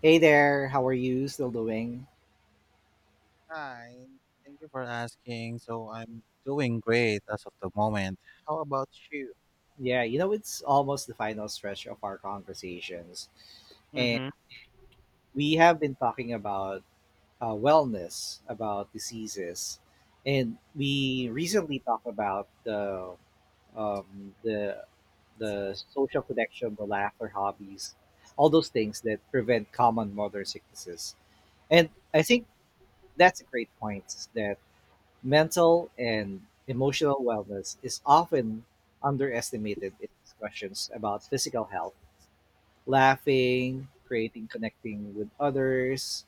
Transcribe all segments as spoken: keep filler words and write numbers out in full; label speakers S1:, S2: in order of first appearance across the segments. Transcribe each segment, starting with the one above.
S1: Hey there, how are you? Still doing?
S2: Hi, thank you for asking. So I'm doing great as of the moment. How about you?
S1: Yeah, you know, it's almost the final stretch of our conversations. And
S2: Mm-hmm.
S1: we have been talking about uh, wellness, about diseases. And we recently talked about the, um, the, the social connection, the laughter, hobbies, all those things that prevent common modern sicknesses. And I think that's a great point that mental and emotional wellness is often underestimated in discussions about physical health. Laughing, creating, connecting with others,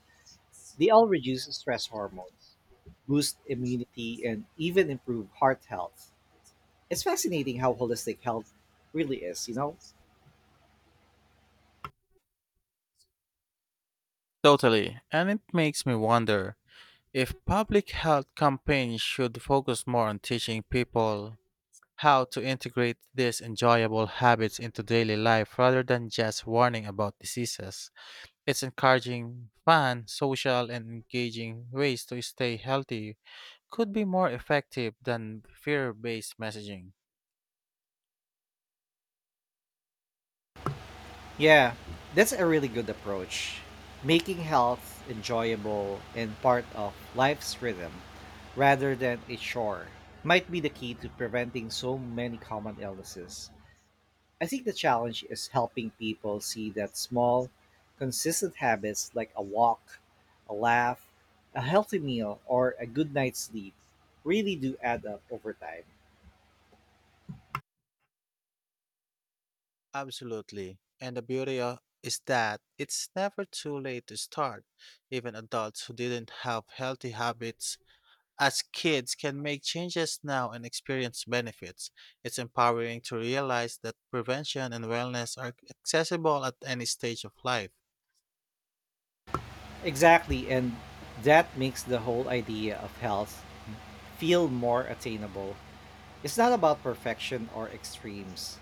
S1: they all reduce stress hormones, boost immunity, and even improve heart health. It's fascinating how holistic health really is, you know?
S2: Totally. And it makes me wonder if public health campaigns should focus more on teaching people how to integrate these enjoyable habits into daily life rather than just warning about diseases. It's encouraging fun, social, and engaging ways to stay healthy could be more effective than fear based messaging.
S1: Yeah, that's a really good approach. Making health enjoyable and part of life's rhythm rather than a chore might be the key to preventing so many common illnesses. I think the challenge is helping people see that small, consistent habits like a walk, a laugh, a healthy meal, or a good night's sleep really do add up over time.
S2: Absolutely. And the beauty of, is that it's never too late to start. Even adults who didn't have healthy habits as kids can make changes now and experience benefits. It's empowering to realize that prevention and wellness are accessible at any stage of life.
S1: Exactly, and that makes the whole idea of health feel more attainable. It's not about perfection or extremes.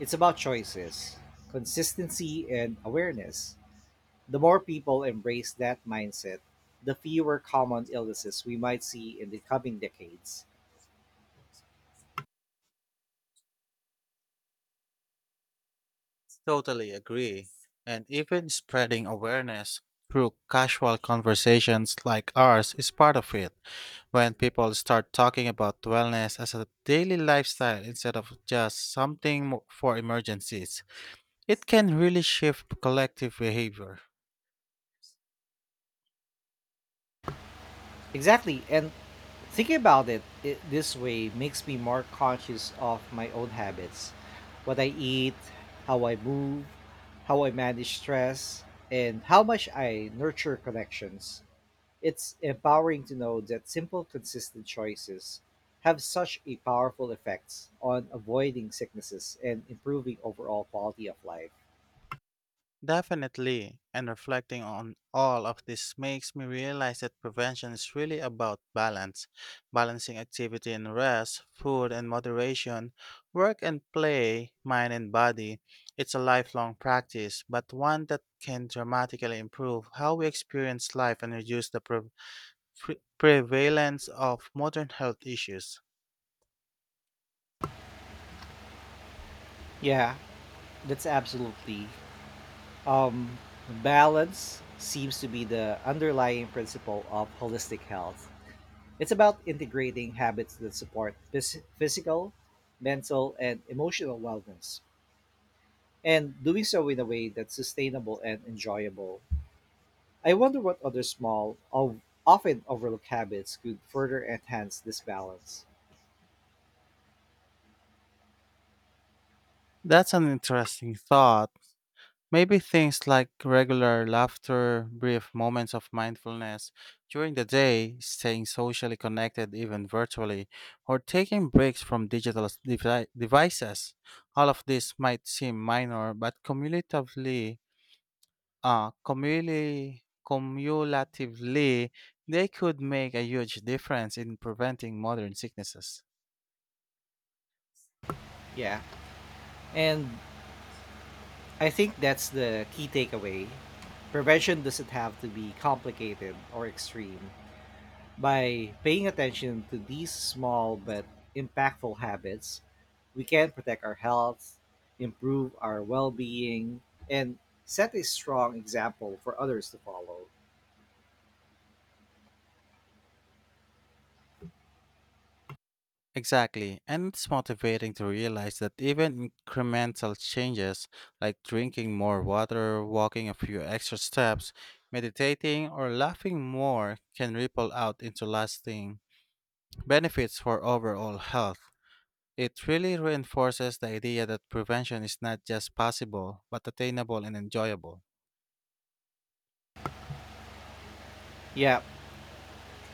S1: It's about choices, consistency, and awareness. The more people embrace that mindset, the fewer common illnesses we might see in the coming decades.
S2: Totally agree. And even spreading awareness through casual conversations like ours is part of it. When people start talking about wellness as a daily lifestyle instead of just something mo- for emergencies, it can really shift collective behavior.
S1: Exactly, and thinking about it, it this way makes me more conscious of my own habits: what I eat, how I move, how I manage stress, and how much I nurture connections. It's empowering to know that simple consistent choices have such a powerful effects on avoiding sicknesses and improving overall quality of life.
S2: Definitely, and reflecting on all of this makes me realize that prevention is really about balance, balancing activity and rest, food and moderation, work and play, mind and body. It's a lifelong practice, but one that can dramatically improve how we experience life and reduce the pre- pre- prevalence of modern health issues.
S1: Yeah, that's absolutely. Um Balance seems to be the underlying principle of holistic health. It's about integrating habits that support phys- physical, mental, and emotional wellness and doing so in a way that's sustainable and enjoyable. I wonder what other small, of, often overlooked habits could further enhance this balance.
S2: That's an interesting thought. Maybe things like regular laughter, brief moments of mindfulness during the day, staying socially connected even virtually, or taking breaks from digital s- devi- devices. All of this might seem minor, but cumulatively, uh, cumuli- cumulatively, they could make a huge difference in preventing modern sicknesses.
S1: Yeah. And I think that's the key takeaway. Prevention doesn't have to be complicated or extreme. By paying attention to these small but impactful habits, we can protect our health, improve our well being, and set a strong example for others to follow.
S2: Exactly, and it's motivating to realize that even incremental changes like drinking more water, walking a few extra steps, meditating, or laughing more can ripple out into lasting benefits for overall health. It really reinforces the idea that prevention is not just possible, but attainable and enjoyable.
S1: Yeah,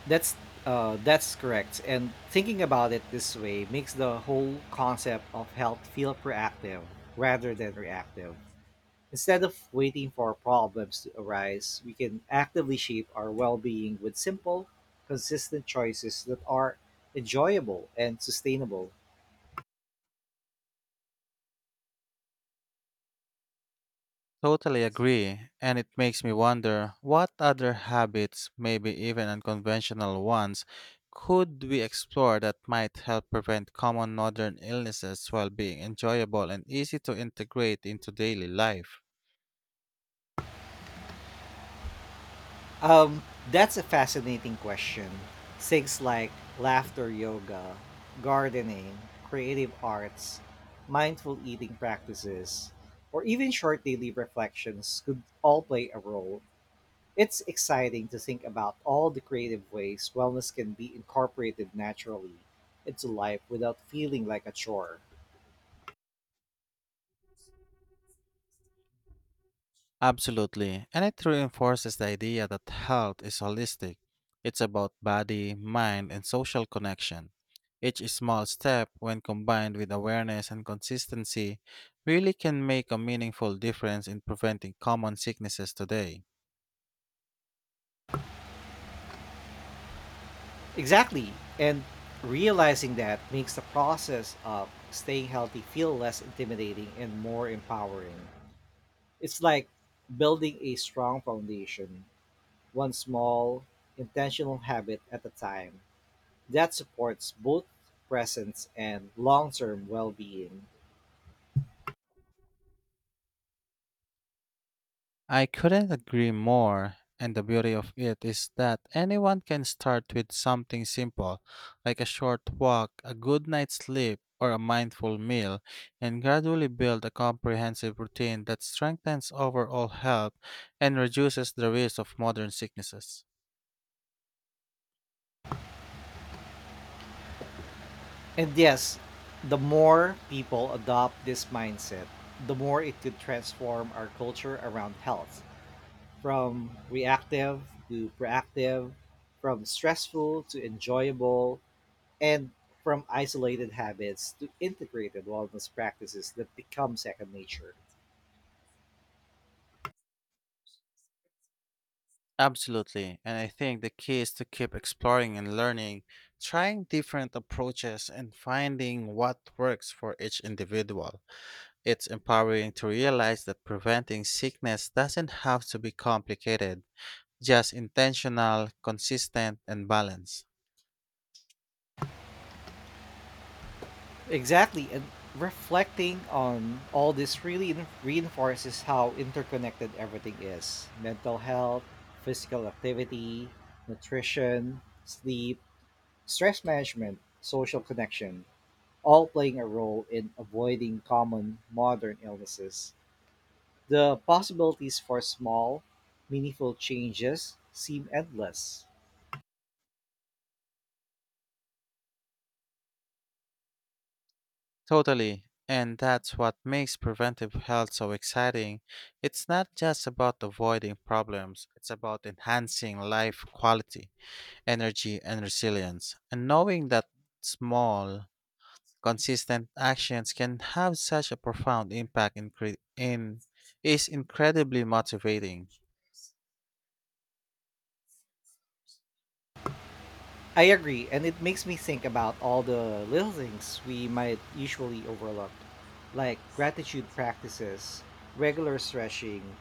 S1: That's uh, that's correct. And thinking about it this way makes the whole concept of health feel proactive rather than reactive. Instead of waiting for problems to arise, we can actively shape our well-being with simple, consistent choices that are enjoyable and sustainable.
S2: Totally agree, and it makes me wonder what other habits, maybe even unconventional ones, could we explore that might help prevent common modern illnesses while being enjoyable and easy to integrate into daily life?
S1: Um, that's a fascinating question. Things like laughter yoga, gardening, creative arts, mindful eating practices, or even short daily reflections could all play a role. It's exciting to think about all the creative ways wellness can be incorporated naturally into life without feeling like a chore.
S2: Absolutely. And it reinforces the idea that health is holistic. It's about body, mind, and social connection. Each small step, when combined with awareness and consistency, really can make a meaningful difference in preventing common sicknesses today.
S1: Exactly. And realizing that makes the process of staying healthy feel less intimidating and more empowering. It's like building a strong foundation, one small, intentional habit at a time that supports both presence and long term well being.
S2: I couldn't agree more, and the beauty of it is that anyone can start with something simple, like a short walk, a good night's sleep, or a mindful meal, and gradually build a comprehensive routine that strengthens overall health and reduces the risk of modern sicknesses.
S1: And yes, the more people adopt this mindset, the more it could transform our culture around health from reactive to proactive, from stressful to enjoyable, and from isolated habits to integrated wellness practices that become second nature.
S2: Absolutely, and I think the key is to keep exploring and learning, trying different approaches, and finding what works for each individual. It's empowering to realize that preventing sickness doesn't have to be complicated, just intentional, consistent, and balanced.
S1: Exactly, and reflecting on all this really in- reinforces how interconnected everything is: mental health, physical activity, nutrition, sleep, stress management, social connection, all playing a role in avoiding common modern illnesses. The possibilities for small, meaningful changes seem endless.
S2: Totally. And that's what makes preventive health so exciting. It's not just about avoiding problems, it's about enhancing life quality, energy, and resilience. And knowing that small, consistent actions can have such a profound impact in, cre- in is incredibly motivating.
S1: I agree, and it makes me think about all the little things we might usually overlook, like gratitude practices, regular stretching,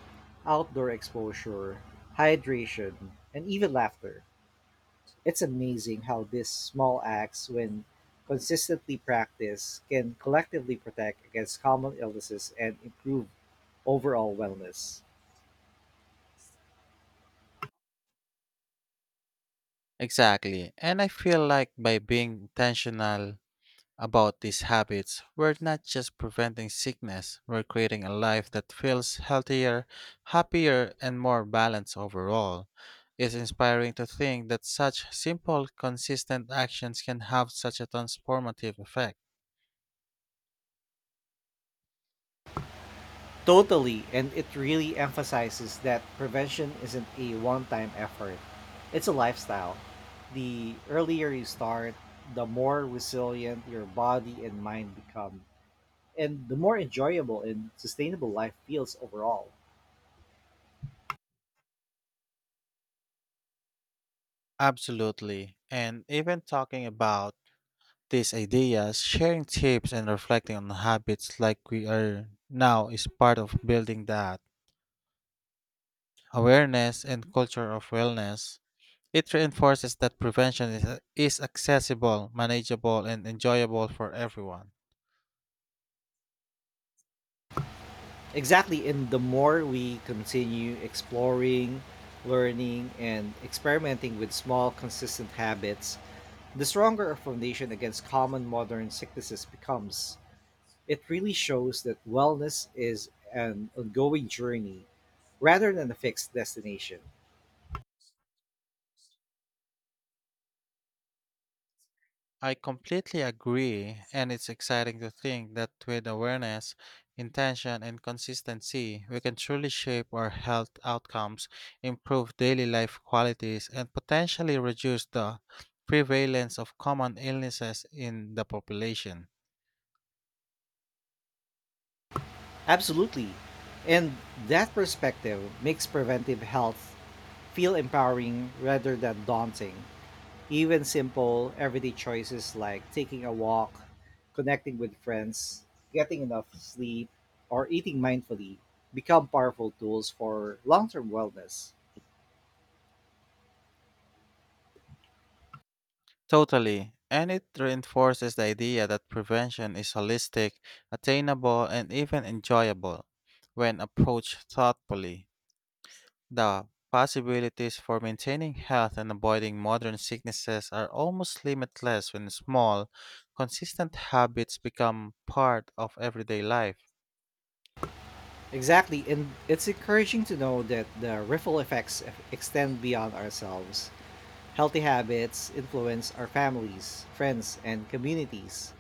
S1: outdoor exposure, hydration, and even laughter. It's amazing how these small acts, when consistently practiced, can collectively protect against common illnesses and improve overall wellness.
S2: Exactly. And I feel like by being intentional about these habits, we're not just preventing sickness, we're creating a life that feels healthier, happier, and more balanced overall. It's inspiring to think that such simple, consistent actions can have such a transformative effect.
S1: Totally, and it really emphasizes that prevention isn't a one time effort, it's a lifestyle. The earlier you start, the more resilient your body and mind become, and the more enjoyable and sustainable life feels overall.
S2: Absolutely. And even talking about these ideas, sharing tips, and reflecting on habits like we are now is part of building that awareness and culture of wellness. It reinforces that prevention is, is accessible, manageable, and enjoyable for everyone.
S1: Exactly, and the more we continue exploring, learning, and experimenting with small, consistent habits, the stronger our foundation against common modern sicknesses becomes. It really shows that wellness is an ongoing journey rather than a fixed destination.
S2: I completely agree, and it's exciting to think that with awareness, intention, and consistency, we can truly shape our health outcomes, improve daily life qualities, and potentially reduce the prevalence of common illnesses in the population.
S1: Absolutely. And that perspective makes preventive health feel empowering rather than daunting. Even simple, everyday choices like taking a walk, connecting with friends, getting enough sleep, or eating mindfully become powerful tools for long term wellness.
S2: Totally. And it reinforces the idea that prevention is holistic, attainable, and even enjoyable. When approached thoughtfully, the possibilities for maintaining health and avoiding modern sicknesses are almost limitless when small, consistent habits become part of everyday life.
S1: Exactly, and it's encouraging to know that the ripple effects eff- extend beyond ourselves. Healthy habits influence our families, friends, and communities,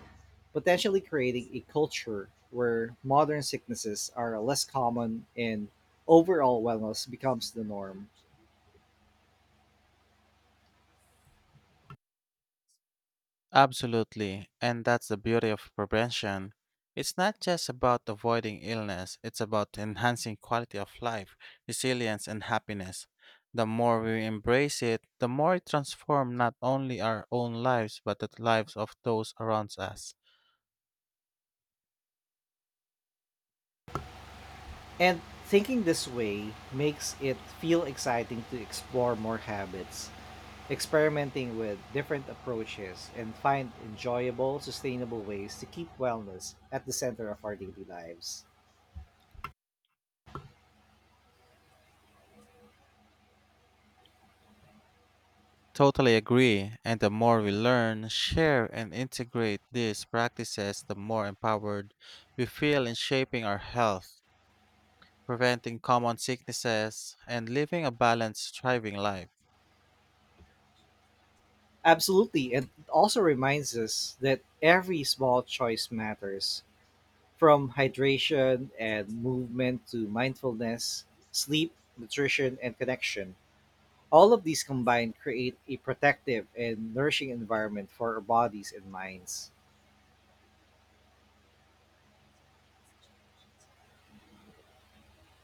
S1: potentially creating a culture where modern sicknesses are less common and overall wellness becomes the norm.
S2: Absolutely, and that's the beauty of prevention. It's not just about avoiding illness, it's about enhancing quality of life, resilience, and happiness. The more we embrace it, the more it transforms not only our own lives but the lives of those around us.
S1: And thinking this way makes it feel exciting to explore more habits, experimenting with different approaches and find enjoyable, sustainable ways to keep wellness at the center of our daily lives.
S2: Totally agree, and the more we learn, share, and integrate these practices, the more empowered we feel in shaping our health, preventing common sicknesses, and living a balanced, thriving life.
S1: Absolutely. And it also reminds us that every small choice matters, from hydration and movement to mindfulness, sleep, nutrition, and connection. All of these combined create a protective and nourishing environment for our bodies and minds.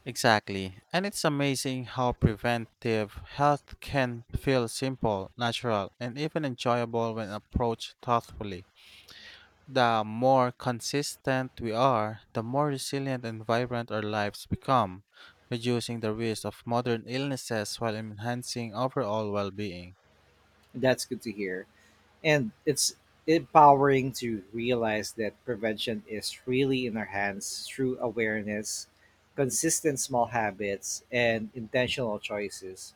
S2: Exactly. And it's amazing how preventive health can feel simple, natural, and even enjoyable when approached thoughtfully. The more consistent we are, the more resilient and vibrant our lives become, reducing the risk of modern illnesses while enhancing overall well being.
S1: That's good to hear. And it's empowering to realize that prevention is really in our hands through awareness, consistent small habits, and intentional choices.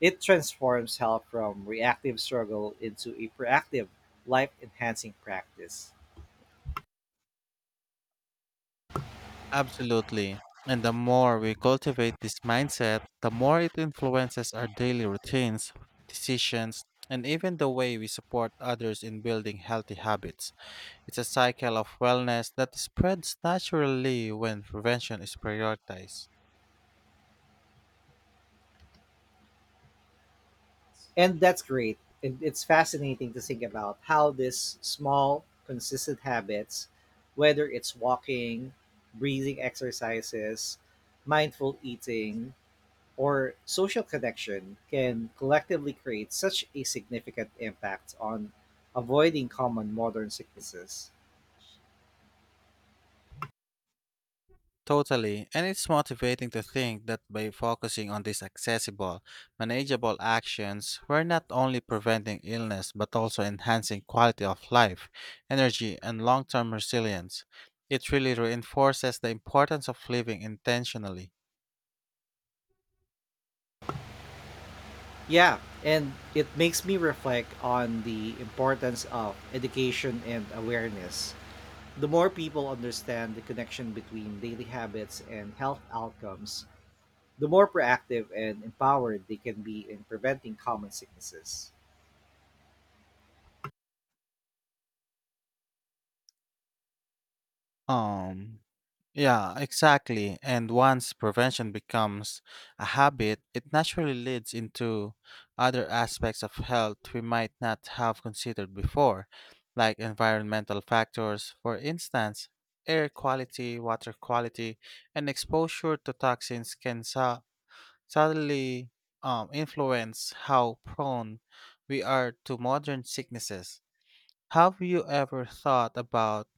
S1: It transforms health from reactive struggle into a proactive, life enhancing practice.
S2: Absolutely. And the more we cultivate this mindset, the more it influences our daily routines, decisions, and even the way we support others in building healthy habits. It's a cycle of wellness that spreads naturally when prevention is prioritized.
S1: And that's great. It, it's fascinating to think about how this small, consistent habits, whether it's walking, breathing exercises, mindful eating, or social connection, can collectively create such a significant impact on avoiding common modern sicknesses.
S2: Totally. And it's motivating to think that by focusing on these accessible, manageable actions, we're not only preventing illness but also enhancing quality of life, energy, and long term resilience. It really reinforces the importance of living intentionally.
S1: Yeah, and it makes me reflect on the importance of education and awareness. The more people understand the connection between daily habits and health outcomes, the more proactive and empowered they can be in preventing common sicknesses.
S2: Um, yeah, exactly. And once prevention becomes a habit, it naturally leads into other aspects of health we might not have considered before, like environmental factors, for instance. Air quality, water quality, and exposure to toxins can su- subtly um, influence how prone we are to modern sicknesses. Have you ever thought about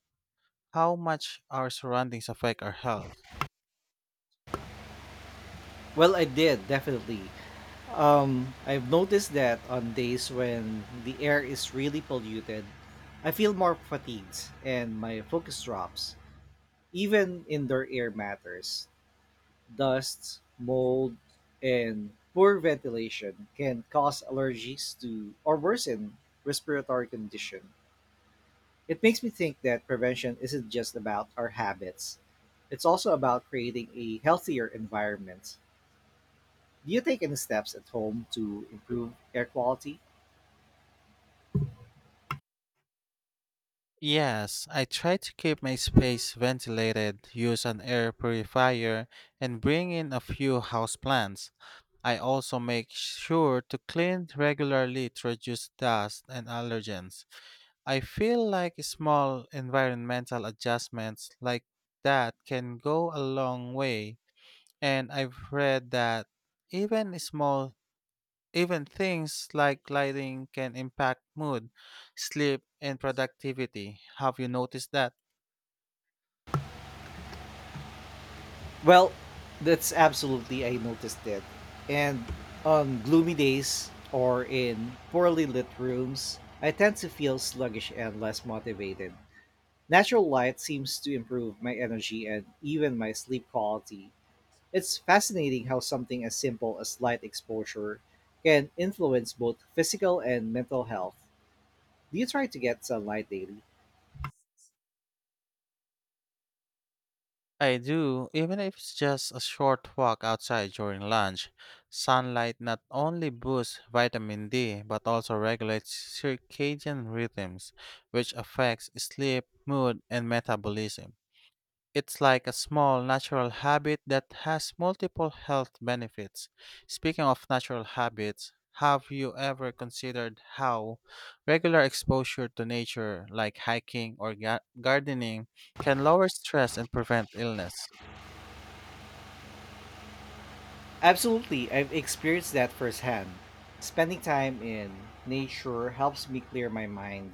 S2: how much our surroundings affect our health?
S1: Well, I did definitely. Um, I've noticed that on days when the air is really polluted, I feel more fatigued and my focus drops. Even indoor air matters. Dust, mold, and poor ventilation can cause allergies to or worsen respiratory condition. It makes me think that prevention isn't just about our habits. It's also about creating a healthier environment. Do you take any steps at home to improve air quality?
S2: Yes, I try to keep my space ventilated, use an air purifier, and bring in a few houseplants. I also make sure to clean regularly to reduce dust and allergens. I feel like small environmental adjustments like that can go a long way, and I've read that even small Even things like lighting can impact mood, sleep, and productivity. Have you noticed that?
S1: Well, that's absolutely I noticed it. And on gloomy days or in poorly lit rooms, I tend to feel sluggish and less motivated. Natural light seems to improve my energy and even my sleep quality. It's fascinating how something as simple as light exposure can influence both physical and mental health. Do you try to get sunlight daily?
S2: I do, even if it's just a short walk outside during lunch. Sunlight not only boosts vitamin D but also regulates circadian rhythms, which affects sleep, mood, and metabolism. It's like a small natural habit that has multiple health benefits. Speaking of natural habits, have you ever considered how regular exposure to nature, like hiking or ga- gardening, can lower stress and prevent illness?
S1: Absolutely, I've experienced that firsthand. Spending time in nature helps me clear my mind,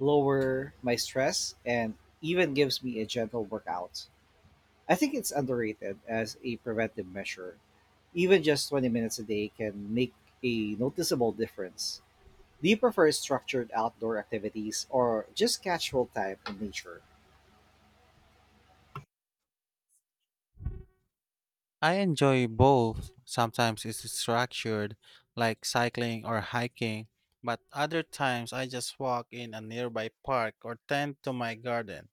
S1: lower my stress, and even gives me a gentle workout. I think it's underrated as a preventive measure. Even just twenty minutes a day can make a noticeable difference. Do you prefer structured outdoor activities or just casual time in nature?
S2: I enjoy both. Sometimes it's structured, like cycling or hiking, but other times I just walk in a nearby park or tend to my garden.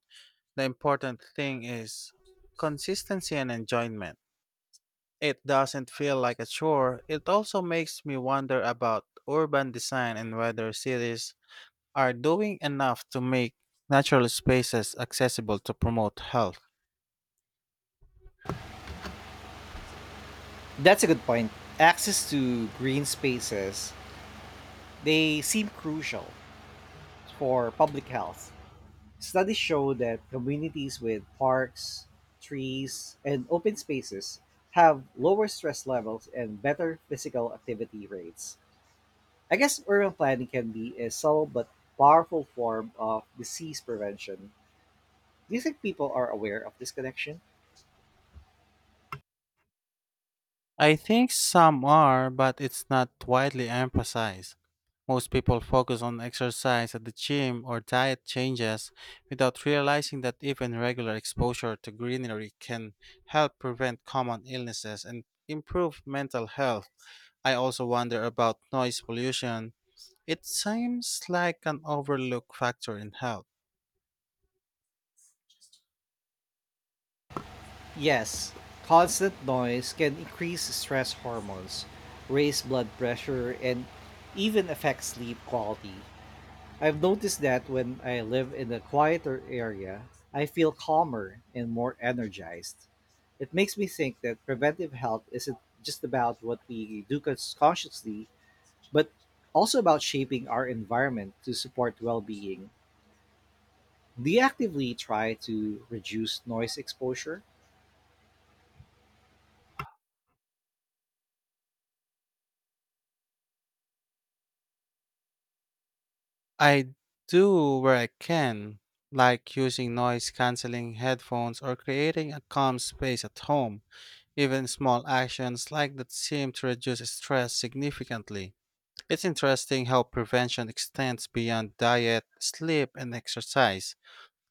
S2: The important thing is consistency and enjoyment. It doesn't feel like a chore. It also makes me wonder about urban design and whether cities are doing enough to make natural spaces accessible to promote health.
S1: That's a good point. Access to green spaces, they seem crucial for public health. Studies show that communities with parks, trees, and open spaces have lower stress levels and better physical activity rates. I guess urban planning can be a subtle but powerful form of disease prevention. Do you think people are aware of this connection?
S2: I think some are, but it's not widely emphasized. Most people focus on exercise at the gym or diet changes without realizing that even regular exposure to greenery can help prevent common illnesses and improve mental health. I also wonder about noise pollution. It seems like an overlooked factor in health.
S1: Yes, constant noise can increase stress hormones, raise blood pressure, and even affect sleep quality. I've noticed that when I live in a quieter area, I feel calmer and more energized. It makes me think that preventive health isn't just about what we do cons- consciously, but also about shaping our environment to support well being. Do you actively try to reduce noise exposure?
S2: I do where I can, like using noise canceling headphones or creating a calm space at home. Even small actions like that seem to reduce stress significantly. It's interesting how prevention extends beyond diet, sleep, and exercise.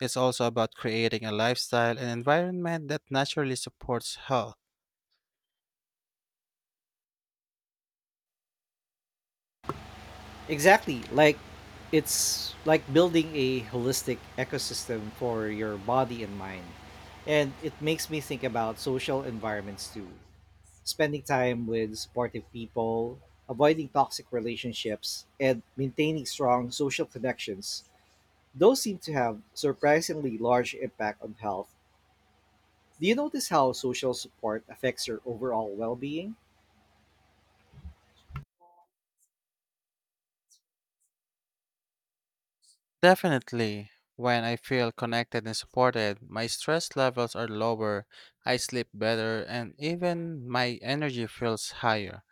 S2: It's also about creating a lifestyle and environment that naturally supports health.
S1: Exactly. Like, it's like building a holistic ecosystem for your body and mind. And it makes me think about social environments too. Spending time with supportive people, avoiding toxic relationships, and maintaining strong social connections. Those seem to have surprisingly large impact on health. Do you notice how social support affects your overall well being?
S2: Definitely. When I feel connected and supported, my stress levels are lower, I sleep better, and even my energy feels higher.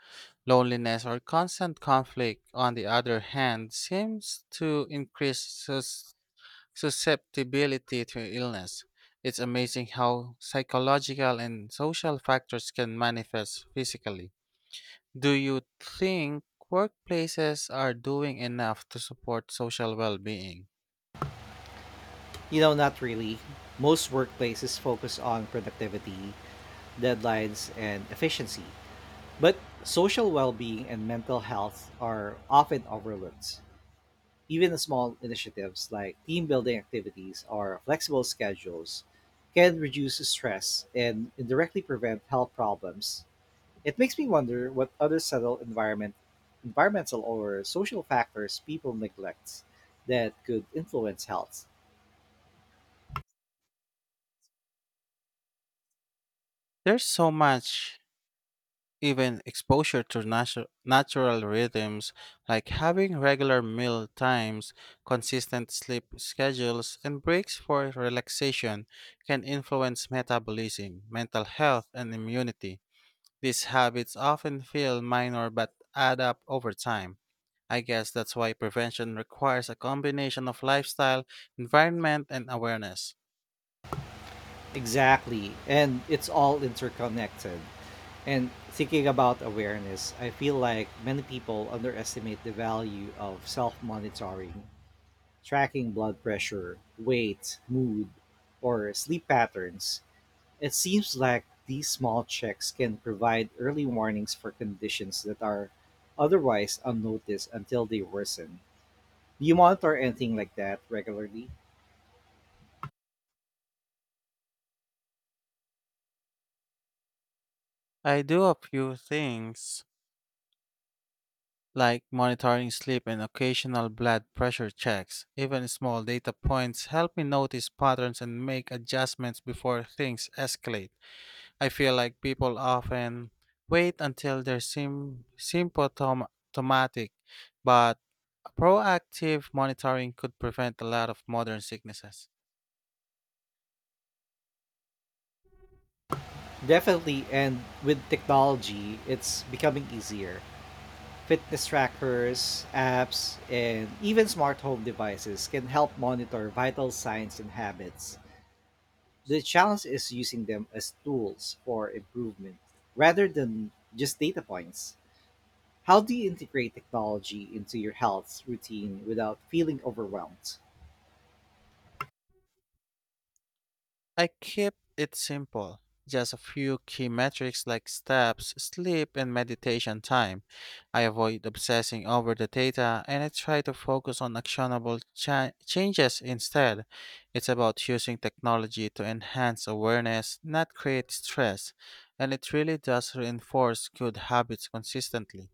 S2: Loneliness or constant conflict, on the other hand, seems to increase sus- susceptibility to illness. It's amazing how psychological and social factors can manifest physically. Do you think workplaces are doing enough to support social well being?
S1: You know, not really. Most workplaces focus on productivity, deadlines, and efficiency. But social well being and mental health are often overlooked. Even small initiatives like team building activities or flexible schedules can reduce stress and indirectly prevent health problems. It makes me wonder what other subtle environment, environmental or social factors people neglect that could influence health.
S2: There's so much even exposure to natu- natural rhythms like having regular meal times, consistent sleep schedules, and breaks for relaxation can influence metabolism, mental health, and immunity. These habits often feel minor but add up over time. I guess that's why prevention requires a combination of lifestyle, environment, and awareness.
S1: Exactly. And it's all interconnected. And thinking about awareness, I feel like many people underestimate the value of self monitoring, tracking blood pressure, weight, mood, or sleep patterns. It seems like these small checks can provide early warnings for conditions that are otherwise unnoticed until they worsen. Do you monitor anything like that regularly?
S2: I do a few things like monitoring sleep and occasional blood pressure checks. Even small data points help me notice patterns and make adjustments before things escalate. I feel like people often wait until they're sim- symptomatic, but proactive monitoring could prevent a lot of modern sicknesses.
S1: Definitely, and with technology, it's becoming easier. Fitness trackers, apps, and even smart home devices can help monitor vital signs and habits. The challenge is using them as tools for improvement rather than just data points. How do you integrate technology into your health routine without feeling overwhelmed?
S2: I keep it simple, just a few key metrics like steps, sleep, and meditation time. I avoid obsessing over the data and I try to focus on actionable cha- changes instead. It's about using technology to enhance awareness, not create stress, and it really does reinforce good habits consistently.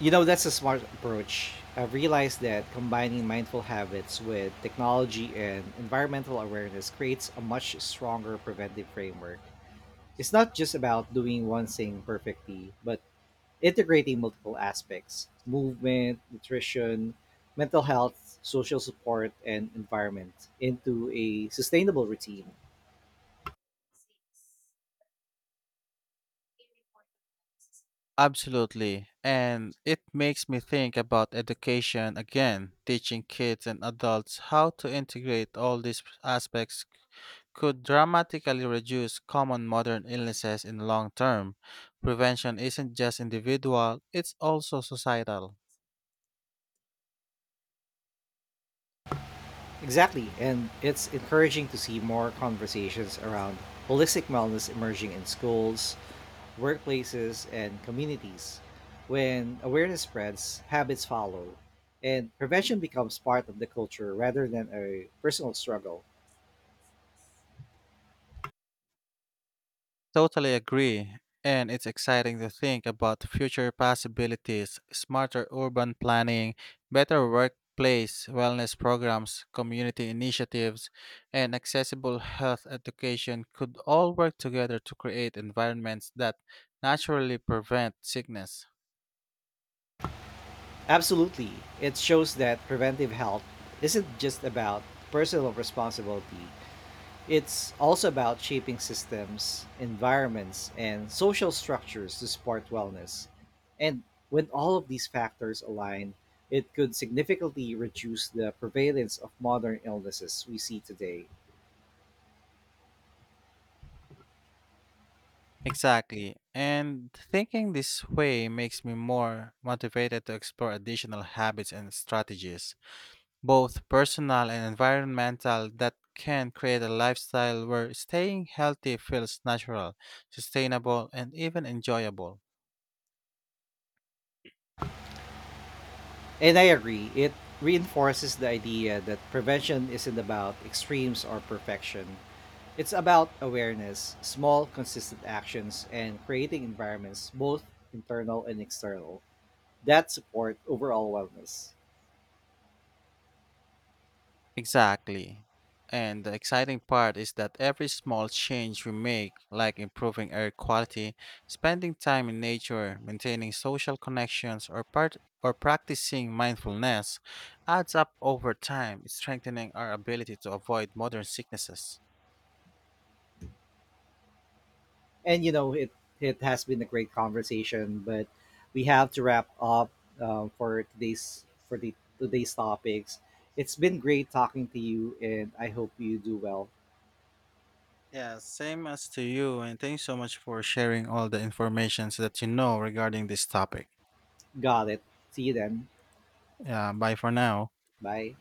S1: You know, that's a smart approach. I've realized that combining mindful habits with technology and environmental awareness creates a much stronger preventive framework. It's not just about doing one thing perfectly, but integrating multiple aspects: movement, nutrition, mental health, social support, and environment into a sustainable routine.
S2: Absolutely. And it makes me think about education again. Teaching kids and adults how to integrate all these aspects could dramatically reduce common modern illnesses in the long term. Prevention isn't just individual, it's also societal.
S1: Exactly, and it's encouraging to see more conversations around holistic wellness emerging in schools, workplaces, and communities. When awareness spreads, habits follow, and prevention becomes part of the culture rather than a personal struggle.
S2: Totally agree. And it's exciting to think about future possibilities, smarter urban planning, better workplace wellness programs, community initiatives, and accessible health education could all work together to create environments that naturally prevent sickness.
S1: Absolutely, it shows that preventive health isn't just about personal responsibility, it's also about shaping systems, environments, and social structures to support wellness. And when all of these factors align, it could significantly reduce the prevalence of modern illnesses we see today.
S2: Exactly. And thinking this way makes me more motivated to explore additional habits and strategies. Both personal and environmental, that can create a lifestyle where staying healthy feels natural, sustainable, and even enjoyable.
S1: And I agree, it reinforces the idea that prevention isn't about extremes or perfection. It's about awareness, small, consistent actions, and creating environments, both internal and external, that support overall wellness.
S2: Exactly. And the exciting part is that every small change we make, like improving air quality, spending time in nature, maintaining social connections, or part or practicing mindfulness, adds up over time, strengthening our ability to avoid modern sicknesses.
S1: And you know, it it has been a great conversation, but we have to wrap up uh, for today's for the today's topics. It's been great talking to you and I hope you do well.
S2: Yeah, same as to you, and thanks so much for sharing all the informations that you know regarding this topic.
S1: Got it. See you then.
S2: Yeah, bye for now.
S1: Bye.